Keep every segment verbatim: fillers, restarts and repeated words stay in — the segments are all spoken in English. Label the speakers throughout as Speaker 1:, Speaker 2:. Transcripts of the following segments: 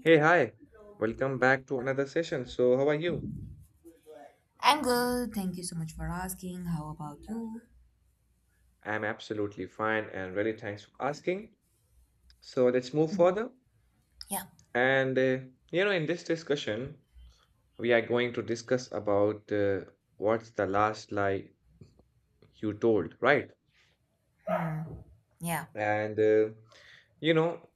Speaker 1: Hey, hi. Welcome back to another session. So, how are you?
Speaker 2: I'm good. How about you?
Speaker 1: I'm absolutely fine and really thanks for asking. So, let's move further.
Speaker 2: Yeah,
Speaker 1: And, uh, you know, in this discussion, we are going to discuss about uh, what's the last lie you told, right?
Speaker 2: yeah.
Speaker 1: And, uh, you know,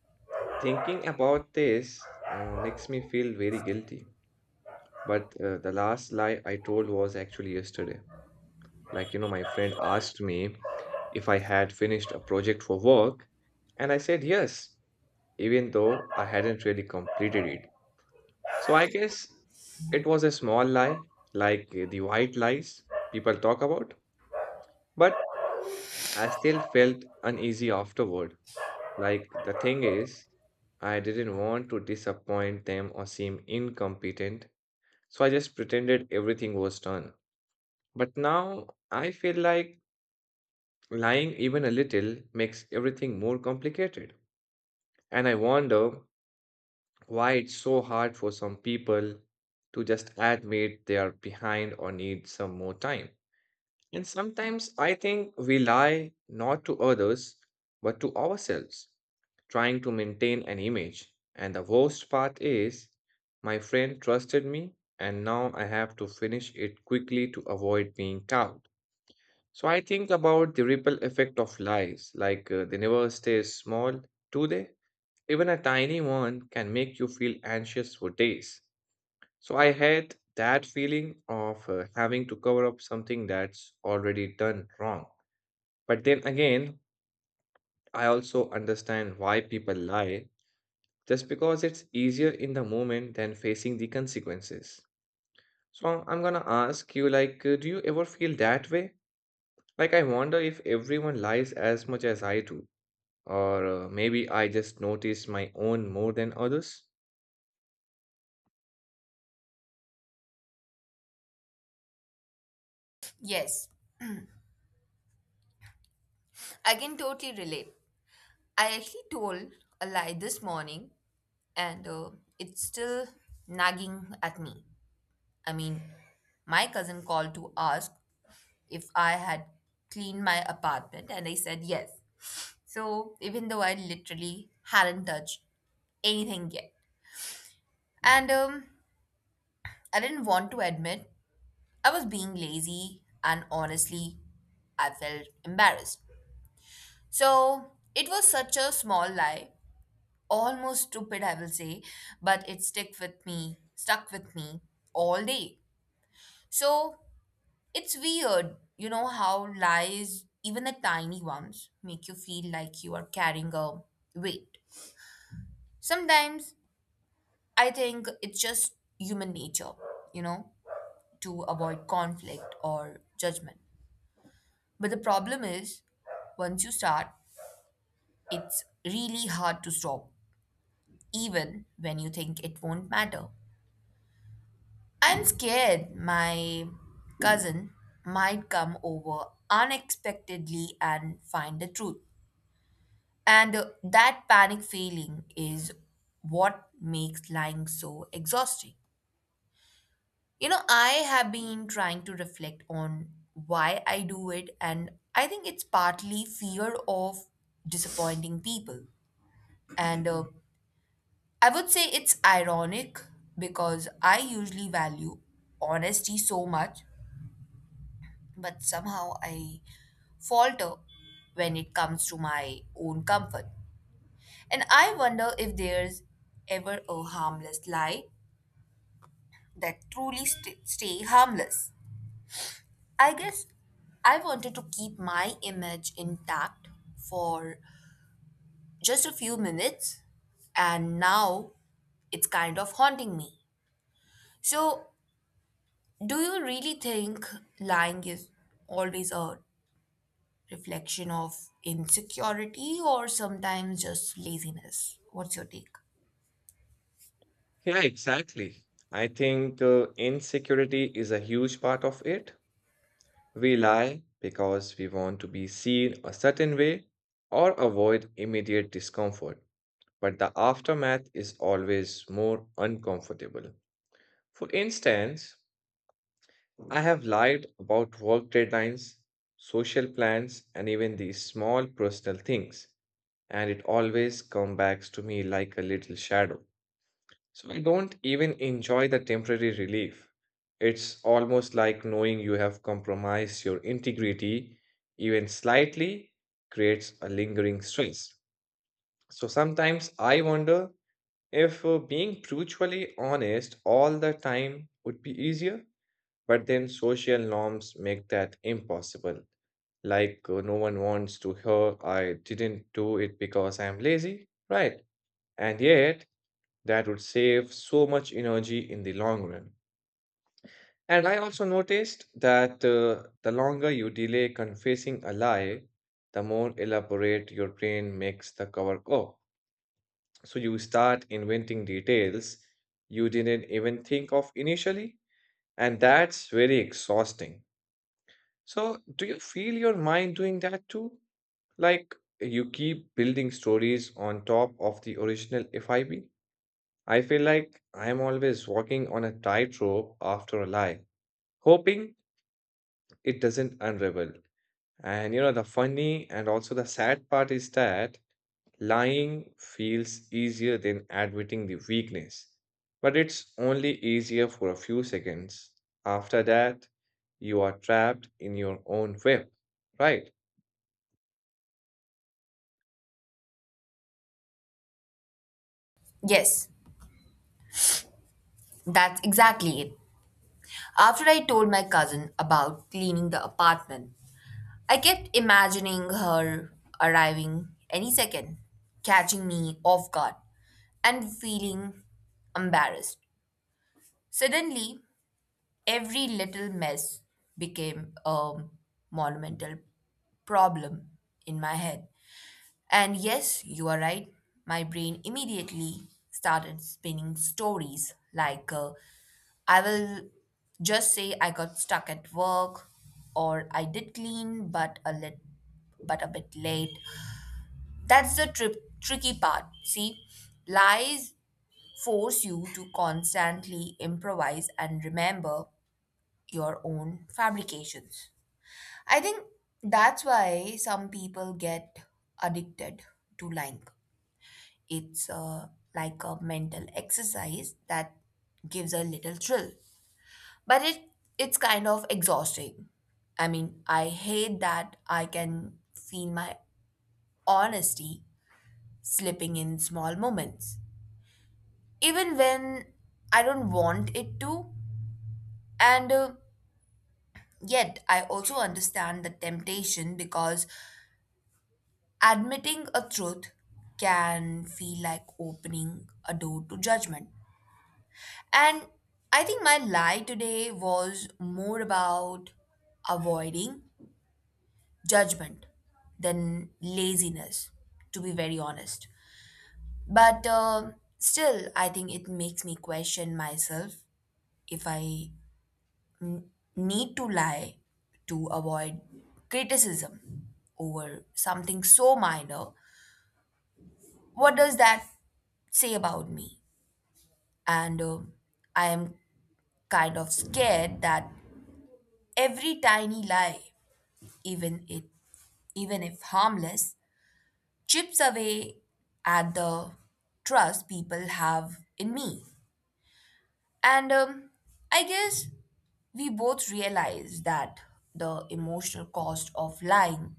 Speaker 1: thinking about this uh, makes me feel very guilty. But uh, the last lie I told was actually yesterday. Like, you know, my friend asked me if I had finished a project for work, and I said yes, even though I hadn't really completed it. So I guess it was a small lie, like uh, the white lies people talk about, but I still felt uneasy afterward. Like, the thing is, I didn't want to disappoint them or seem incompetent, so I just pretended everything was done. But now I feel like lying even a little makes everything more complicated. And I wonder why it's so hard for some people to just admit they are behind or need some more time. And sometimes I think we lie not to others, but to ourselves, trying to maintain an image. And the worst part is, my friend trusted me, and now I have to finish it quickly to avoid being caught. So I think about the ripple effect of lies, like uh, they never stay small, do they? Even a tiny one can make you feel anxious for days. So I had that feeling of uh, having to cover up something that's already done wrong. But then again, I also understand why people lie, just because it's easier in the moment than facing the consequences. So I'm gonna ask you, like, uh, do you ever feel that way? Like, I wonder if everyone lies as much as I do. Or uh, maybe I just notice my own more than others?
Speaker 2: Yes, I can totally relate. I actually told a lie this morning and uh, it's still nagging at me. I mean, my cousin called to ask if I had cleaned my apartment and I said yes. So, even though I literally hadn't touched anything yet. And um, I didn't want to admit I was being lazy and honestly, I felt embarrassed. So it was such a small lie, almost stupid, I will say, but it stick with me, stuck with me all day. So it's weird, you know, how lies, even the tiny ones, make you feel like you are carrying a weight. Sometimes I think it's just human nature, you know, to avoid conflict or judgment. But the problem is, once you start, it's really hard to stop even when you think it won't matter. I'm scared my cousin might come over unexpectedly and find the truth. And uh, that panic feeling is what makes lying so exhausting. You know, I have been trying to reflect on why I do it, and I think it's partly fear of disappointing people and uh, I would say it's ironic because I usually value honesty so much, but somehow I falter when it comes to my own comfort. And I wonder if there's ever a harmless lie that truly st- stay harmless. I guess I wanted to keep my image intact for just a few minutes, and now it's kind of haunting me. So do you really think lying is always a reflection of insecurity or sometimes just laziness? What's your take?
Speaker 1: Yeah, exactly. I think uh, insecurity is a huge part of it. We lie because we want to be seen a certain way or avoid immediate discomfort, but the aftermath is always more uncomfortable. For instance, I have lied about work deadlines, social plans, and even these small personal things, and it always comes back to me like a little shadow. So I don't even enjoy the temporary relief. It's almost like knowing you have compromised your integrity, even slightly, creates a lingering stress. So sometimes I wonder if uh, being truthfully honest all the time would be easier, but then social norms make that impossible. Like, uh, no one wants to hear I didn't do it because I'm lazy, right? And yet, that would save so much energy in the long run. And I also noticed that uh, the longer you delay confessing a lie, the more elaborate your brain makes the cover up. So you start inventing details you didn't even think of initially, and that's very exhausting. So, do you feel your mind doing that too? Like you keep building stories on top of the original FIB? I feel like I am always walking on a tightrope after a lie, hoping it doesn't unravel. And you know, the funny and also the sad part is that lying feels easier than admitting the weakness. But it's only easier for a few seconds. After that, you are trapped in your own web, right?
Speaker 2: Yes, that's exactly it. After I told my cousin about cleaning the apartment, I kept imagining her arriving any second, catching me off guard, and feeling embarrassed. Suddenly, every little mess became a monumental problem in my head. And yes, you are right, my brain immediately started spinning stories like uh, I will just say I got stuck at work or I did clean but a lit but a bit late. That's the tri- tricky part. See, lies force you to constantly improvise and remember your own fabrications. I think that's why some people get addicted to lying. It's uh, like a mental exercise that gives a little thrill, but it it's kind of exhausting. I mean, I hate that I can feel my honesty slipping in small moments, even when I don't want it to. And uh, yet, I also understand the temptation because admitting a truth can feel like opening a door to judgment. And I think my lie today was more about avoiding judgment than laziness, to be very honest. But um still, I think it makes me question myself if I n- need to lie to avoid criticism over something so minor. What does that say about me? And um I am kind of scared that every tiny lie, even it, even if harmless, chips away at the trust people have in me. And um, I guess we both realize that the emotional cost of lying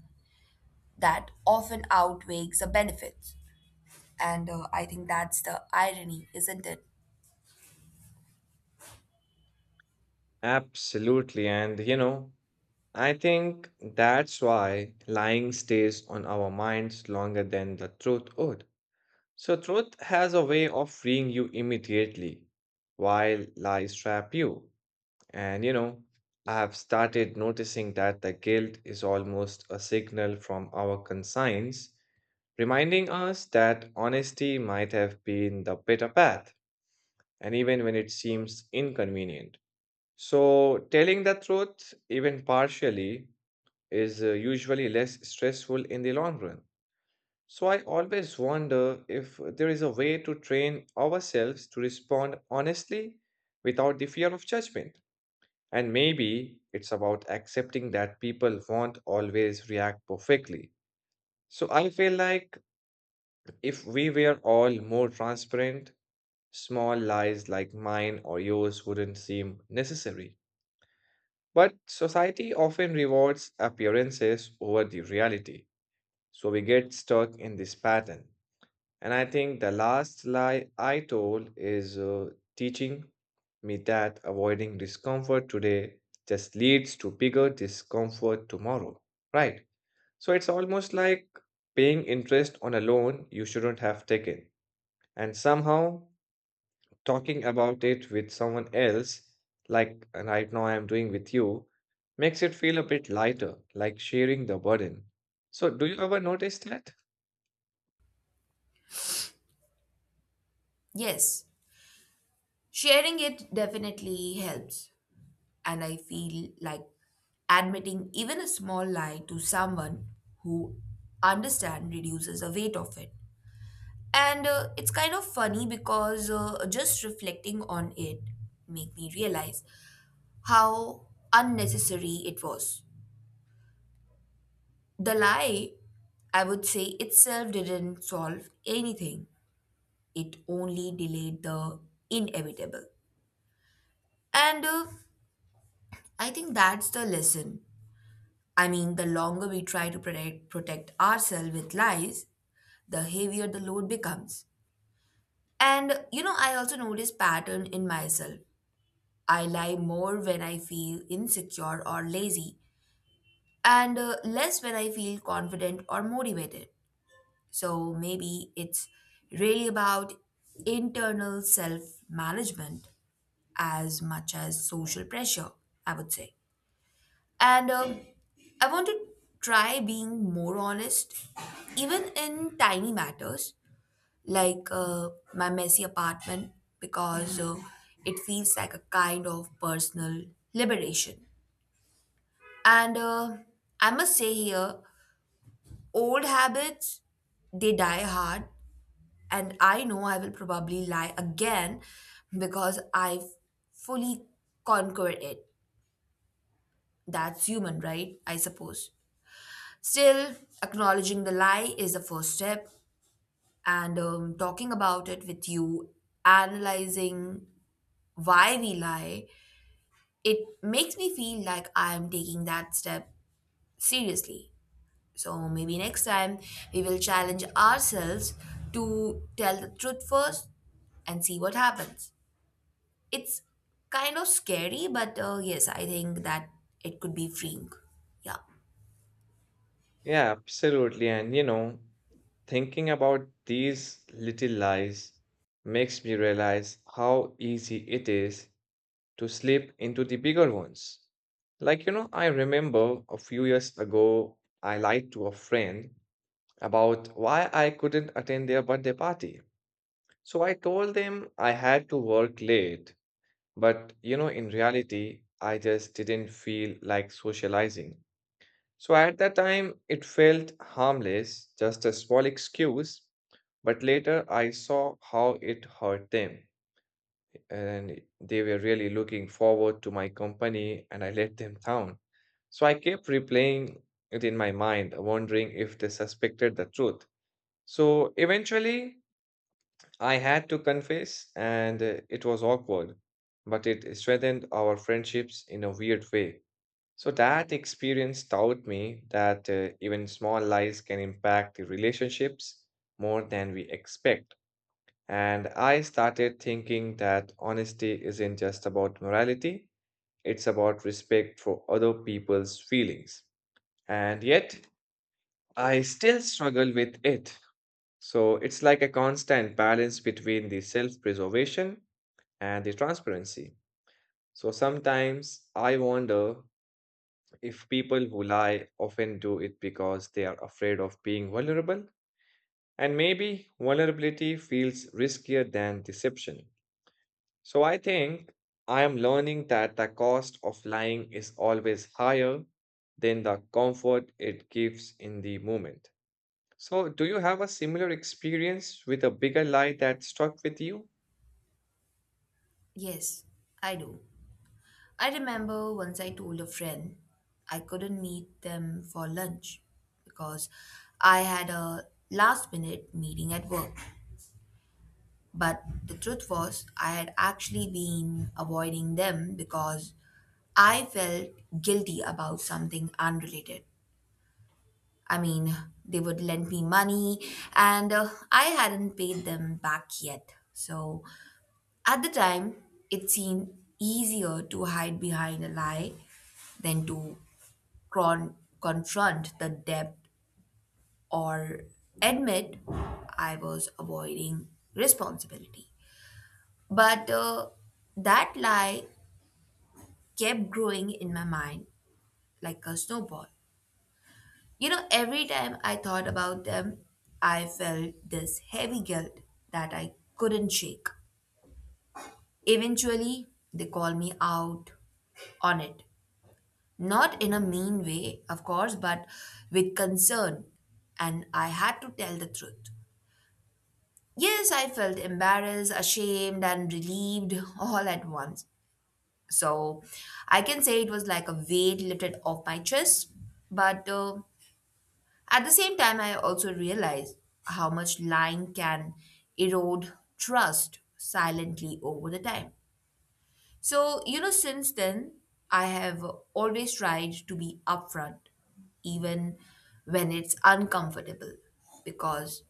Speaker 2: that often outweighs the benefits. And uh, I think that's the irony, isn't it?
Speaker 1: Absolutely. And you know, I think that's why lying stays on our minds longer than the truth would. So, truth has a way of freeing you immediately, while lies trap you. And you know, I have started noticing that the guilt is almost a signal from our conscience, reminding us that honesty might have been the better path, and even when it seems inconvenient. So, telling the truth, even partially, is uh, usually less stressful in the long run. So I always wonder if there is a way to train ourselves to respond honestly without the fear of judgment. And maybe it's about accepting that people won't always react perfectly. So I feel like if we were all more transparent, small lies like mine or yours wouldn't seem necessary. But society often rewards appearances over the reality. So we get stuck in this pattern. And I think the last lie I told is uh, teaching me that avoiding discomfort today just leads to bigger discomfort tomorrow. Right. So it's almost like paying interest on a loan you shouldn't have taken. And somehow talking about it with someone else, like right now I'm doing with you, makes it feel a bit lighter, like sharing the burden. So do you ever notice that?
Speaker 2: Yes, sharing it definitely helps. And I feel like admitting even a small lie to someone who understand reduces the weight of it. And uh, it's kind of funny because uh, just reflecting on it make me realize how unnecessary it was. The lie, I would say, itself didn't solve anything. It only delayed the inevitable. And uh, I think that's the lesson. I mean, the longer we try to protect, protect ourselves with lies, the heavier the load becomes. And you know, I also notice pattern in myself. I lie more when I feel insecure or lazy, and uh, less when I feel confident or motivated. So maybe it's really about internal self management as much as social pressure, I would say. And um, I want to try being more honest, even in tiny matters like uh, my messy apartment, because uh, it feels like a kind of personal liberation. And uh, I must say here, old habits, they die hard. And I know I will probably lie again because I've fully conquered it. That's human, right? I suppose. Still, acknowledging the lie is the first step, and um, talking about it with you, analyzing why we lie, it makes me feel like I'm taking that step seriously. So maybe next time we will challenge ourselves to tell the truth first and see what happens. It's kind of scary, but uh, yes, I think that it could be freeing. Yeah,
Speaker 1: Yeah, absolutely. And you know, thinking about these little lies makes me realize how easy it is to slip into the bigger ones. Like, you know, I remember a few years ago, I lied to a friend about why I couldn't attend their birthday party. So I told them I had to work late, but you know, in reality, I just didn't feel like socializing. So at that time, it felt harmless, just a small excuse, but later I saw how it hurt them. And they were really looking forward to my company, and I let them down. So I kept replaying it in my mind, wondering if they suspected the truth. So eventually, I had to confess, and uh, it was awkward, but it strengthened our friendships in a weird way. So that experience taught me that uh, even small lies can impact the relationships more than we expect. And I started thinking that honesty isn't just about morality, it's about respect for other people's feelings. And yet, I still struggle with it. So it's like a constant balance between the self preservation and the transparency. So sometimes I wonder if people who lie often do it because they are afraid of being vulnerable, and maybe vulnerability feels riskier than deception. So I think I am learning that the cost of lying is always higher than the comfort it gives in the moment. So, do you have a similar experience with a bigger lie that stuck with you?
Speaker 2: yes, I do. I remember once I told a friend I couldn't meet them for lunch because I had a last minute meeting at work. But the truth was, I had actually been avoiding them because I felt guilty about something unrelated. I mean, they would lend me money and uh, I hadn't paid them back yet. So at the time, it seemed easier to hide behind a lie than to cron- confront the debt or admit I was avoiding responsibility. But uh, that lie kept growing in my mind like a snowball. You know, every time I thought about them, I felt this heavy guilt that I couldn't shake. Eventually, they called me out on it. Not in a mean way, of course, but with concern, and I had to tell the truth. Yes, I felt embarrassed, ashamed, and relieved all at once. So I can say it was like a weight lifted off my chest. But uh, at the same time, I also realized how much lying can erode trust silently over the time. So, you know, since then, I have always tried to be upfront, even when it's uncomfortable, because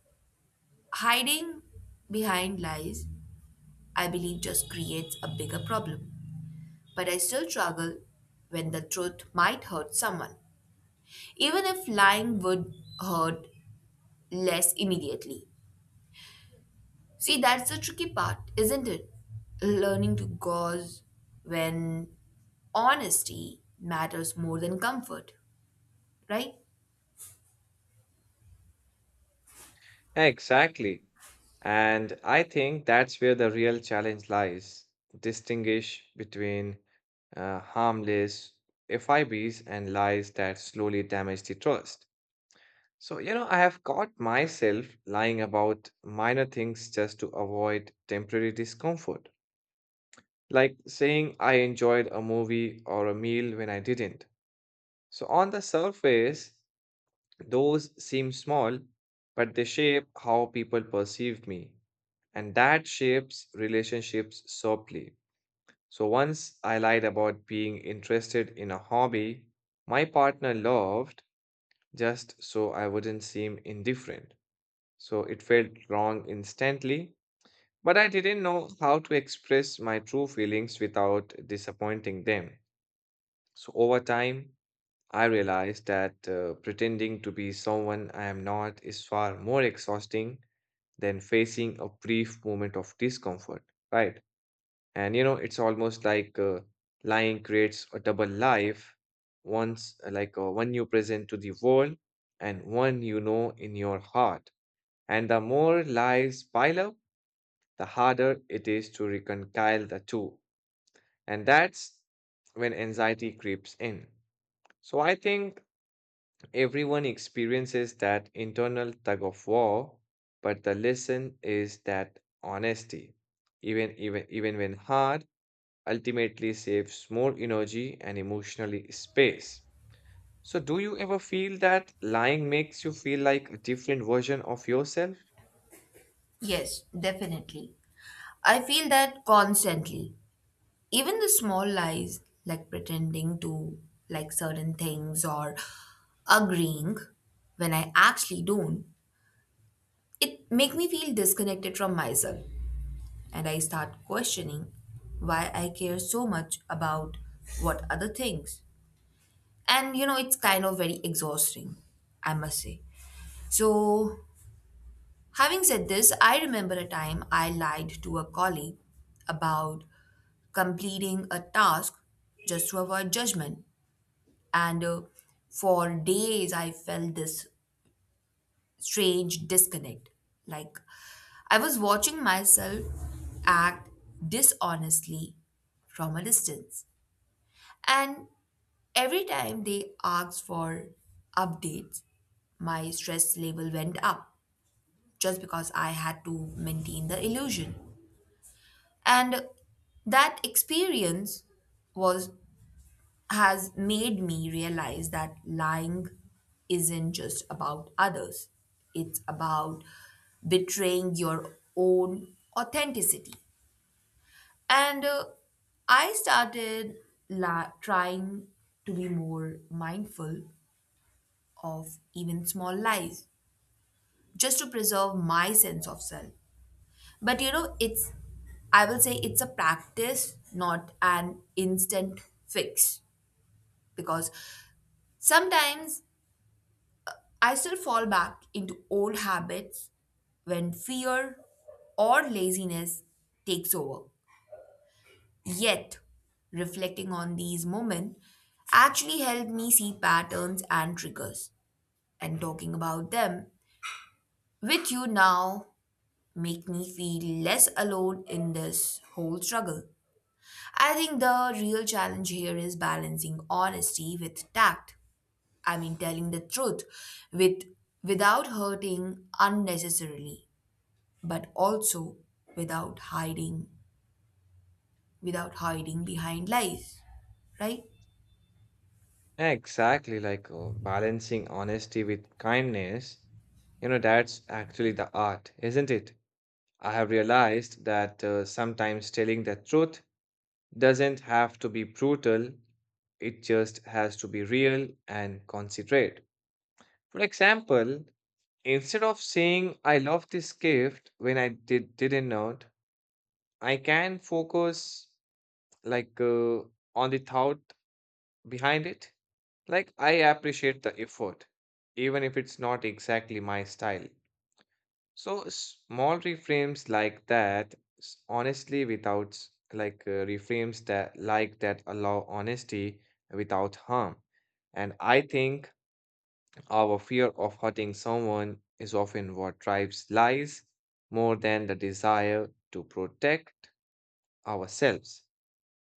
Speaker 2: hiding behind lies I believe just creates a bigger problem. But I still struggle when the truth might hurt someone, even if lying would hurt less immediately. See, that's the tricky part, isn't it? Learning to gauze when honesty matters more than comfort, right?
Speaker 1: Exactly. And I think that's where the real challenge lies. Distinguish between uh, harmless FIBs and lies that slowly damage the trust. So, you know, I have caught myself lying about minor things just to avoid temporary discomfort, like saying I enjoyed a movie or a meal when I didn't. So, on the surface, those seem small, but they shape how people perceive me. And that shapes relationships softly. So once I lied about being interested in a hobby my partner loved just so I wouldn't seem indifferent. So it felt wrong instantly, but I didn't know how to express my true feelings without disappointing them. So over time, I realize that uh, pretending to be someone I am not is far more exhausting than facing a brief moment of discomfort, right? And you know, it's almost like uh, lying creates a double life once, uh, like uh, one you present to the world and one you know in your heart. And the more lies pile up, the harder it is to reconcile the two. And that's when anxiety creeps in. So I think everyone experiences that internal tug of war, but the lesson is that honesty, even even even when hard, ultimately saves more energy and emotionally space. So do you ever feel that lying makes you feel like a different version of yourself?
Speaker 2: Yes, definitely. I feel that constantly. Even the small lies, like pretending to like certain things or agreeing when I actually don't, it make me feel disconnected from myself and I start questioning why I care so much about what other things. And you know, it's kind of very exhausting, I must say. So, having said this, I remember a time I lied to a colleague about completing a task just to avoid judgment. And uh, for days, I felt this strange disconnect. Like I was watching myself act dishonestly from a distance. And every time they asked for updates, my stress level went up just because I had to maintain the illusion. And that experience was has made me realize that lying isn't just about others, it's about betraying your own authenticity. And uh, I started la- trying to be more mindful of even small lies just to preserve my sense of self. But you know, it's, I will say it's a practice, not an instant fix because sometimes I still fall back into old habits when fear or laziness takes over. Yet, reflecting on these moments actually helped me see patterns and triggers, and talking about them with you now make me feel less alone in this whole struggle. I think the real challenge here is balancing honesty with tact. I mean telling the truth with without hurting unnecessarily but also without hiding without hiding behind lies, right?
Speaker 1: Exactly, like uh, balancing honesty with kindness. You know, that's actually the art, isn't it? I have realized that uh, sometimes telling the truth doesn't have to be brutal, it just has to be real and considerate. For example, instead of saying I love this gift when I did didn't know I can focus like uh, on the thought behind it. Like I appreciate the effort, even if it's not exactly my style. So small reframes like that, s- honestly, without s- like uh, reframes that like that allow honesty without harm. And I think our fear of hurting someone is often what drives lies more than the desire to protect ourselves.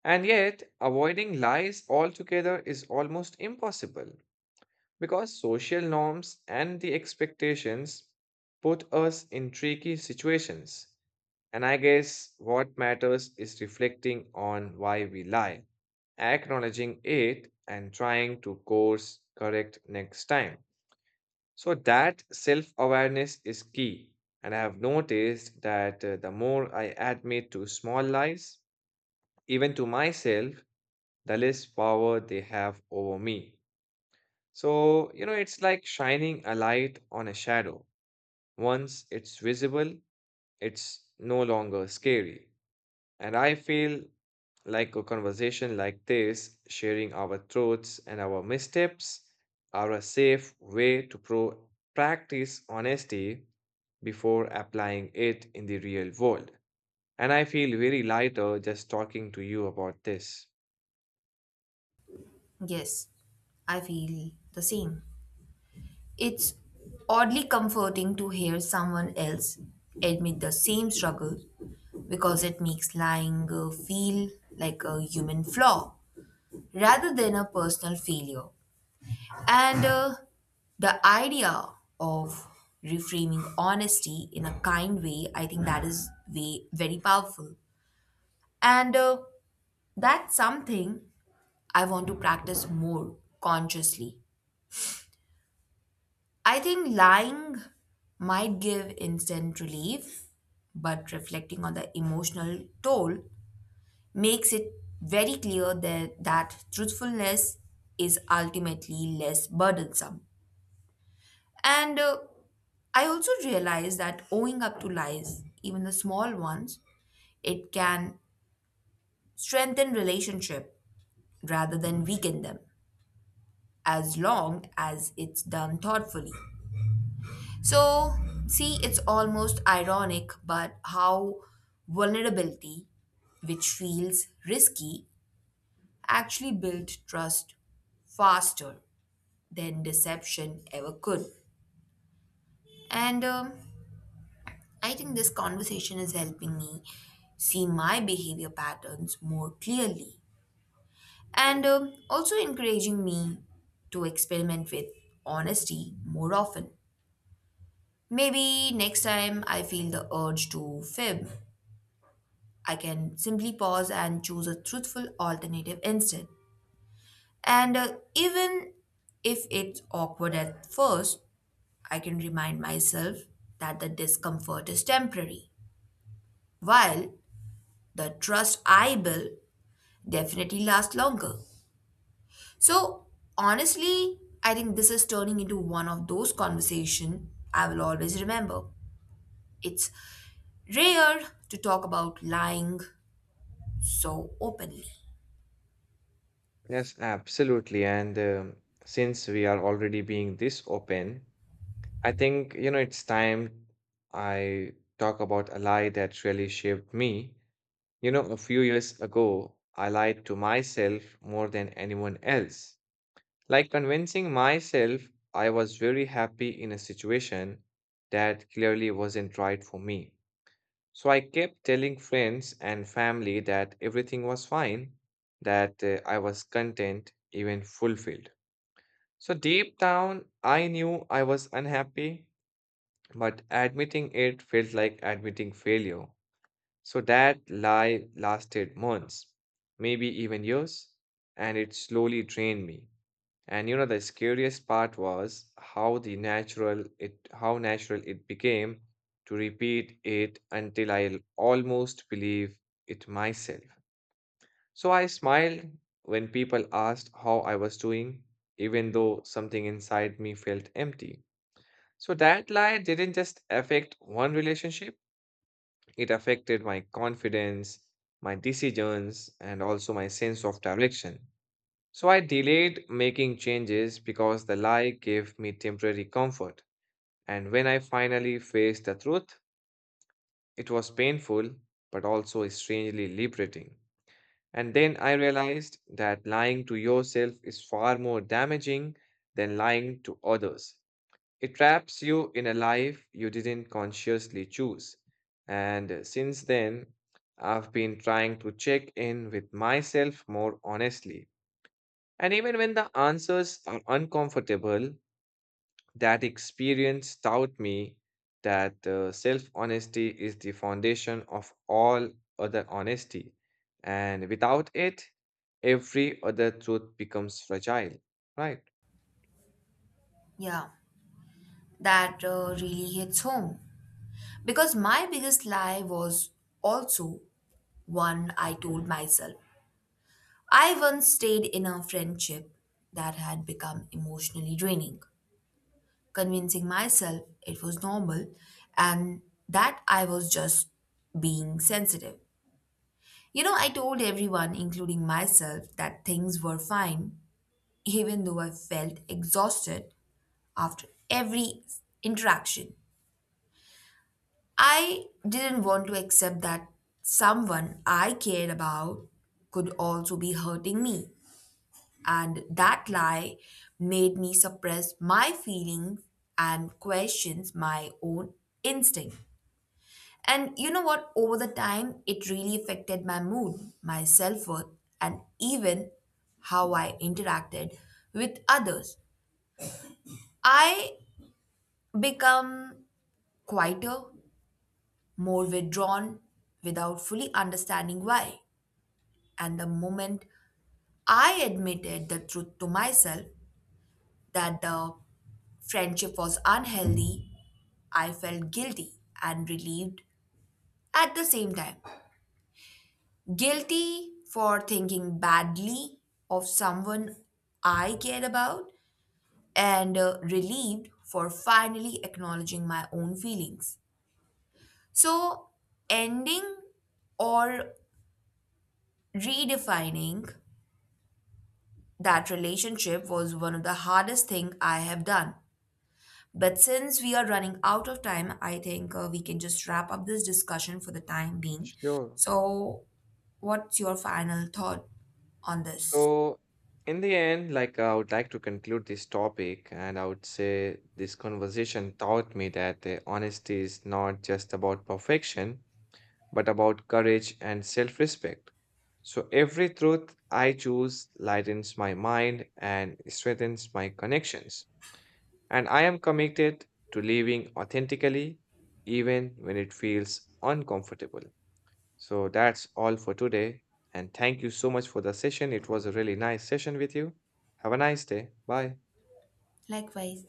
Speaker 1: And yet, avoiding lies altogether is almost impossible. Because social norms and the expectations put us in tricky situations. And I guess what matters is reflecting on why we lie, acknowledging it, and trying to course correct next time. So, that self awareness is key. And I have noticed that uh, the more I admit to small lies, even to myself, the less power they have over me. So, you know, it's like shining a light on a shadow. Once it's visible, it's no longer scary. And I feel like a conversation like this, sharing our truths and our missteps, are a safe way to pro- practice honesty before applying it in the real world. And I feel very lighter just talking to you about this.
Speaker 2: Yes, I feel the same. It's oddly comforting to hear someone else admit the same struggle because it makes lying uh, feel like a human flaw rather than a personal failure, and uh, the idea of reframing honesty in a kind way, I think that is way, very powerful. And uh, that's something I want to practice more consciously. I think lying might give instant relief, but reflecting on the emotional toll makes it very clear that, that truthfulness is ultimately less burdensome. And uh, I also realize that owning up to lies, even the small ones, it can strengthen relationship rather than weaken them, as long as it's done thoughtfully. So, see, it's almost ironic, but how vulnerability, which feels risky, actually built trust faster than deception ever could. And um, I think this conversation is helping me see my behavior patterns more clearly and um, also encouraging me to experiment with honesty more often. Maybe next time I feel the urge to fib, I can simply pause and choose a truthful alternative instead. And uh, even if it's awkward at first, I can remind myself that the discomfort is temporary, while the trust I build definitely lasts longer. So, honestly, I think this is turning into one of those conversations I will always remember. It's rare to talk about lying so openly.
Speaker 1: Yes, absolutely. And um, since we are already being this open, I think, you know, it's time I talk about a lie that really shaped me. You know, a few years ago, I lied to myself more than anyone else. Like convincing myself I was very happy in a situation that clearly wasn't right for me. So I kept telling friends and family that everything was fine, that uh, I was content, even fulfilled. So deep down, I knew I was unhappy but admitting it felt like admitting failure. So that lie lasted months, maybe even years, and it slowly drained me. And you know, the scariest part was how the natural it how natural it became to repeat it until I almost believe it myself. So I smiled when people asked how I was doing, even though something inside me felt empty. So that lie didn't just affect one relationship, it affected my confidence, my decisions, and also my sense of direction. So I delayed making changes because the lie gave me temporary comfort. And when I finally faced the truth, it was painful but also strangely liberating. And then I realized that lying to yourself is far more damaging than lying to others. It traps you in a life you didn't consciously choose. And uh, since then, I've been trying to check in with myself more honestly. And even when the answers are uncomfortable, that experience taught me that uh, self honesty is the foundation of all other honesty. And without it, every other truth becomes fragile, right?
Speaker 2: Yeah, that uh, really hits home. Because my biggest lie was also one I told myself. I once stayed in a friendship that had become emotionally draining, convincing myself it was normal and that I was just being sensitive. You know, I told everyone, including myself, that things were fine, even though I felt exhausted after every interaction. I didn't want to accept that someone I cared about could also be hurting me. And that lie made me suppress my feelings and questions my own instinct. And you know what? Over the time, it really affected my mood, my self worth, and even how I interacted with others. I become quieter, more withdrawn, without fully understanding why. And the moment I admitted the truth to myself that the friendship was unhealthy, I felt guilty and relieved at the same time. Guilty for thinking badly of someone I cared about, and uh, relieved for finally acknowledging my own feelings. So, ending or redefining that relationship was one of the hardest things I have done. But since we are running out of time, I think uh, we can just wrap up this discussion for the time being.
Speaker 1: Sure.
Speaker 2: So, what's your final thought on this?
Speaker 1: So, in the end, like I would like to conclude this topic, and I would say this conversation taught me that uh, honesty is not just about perfection, but about courage and self-respect. So, every truth I choose lightens my mind and strengthens my connections. And I am committed to living authentically, even when it feels uncomfortable. So that's all for today. And thank you so much for the session. It was a really nice session with you. Have a nice day. Bye.
Speaker 2: Likewise.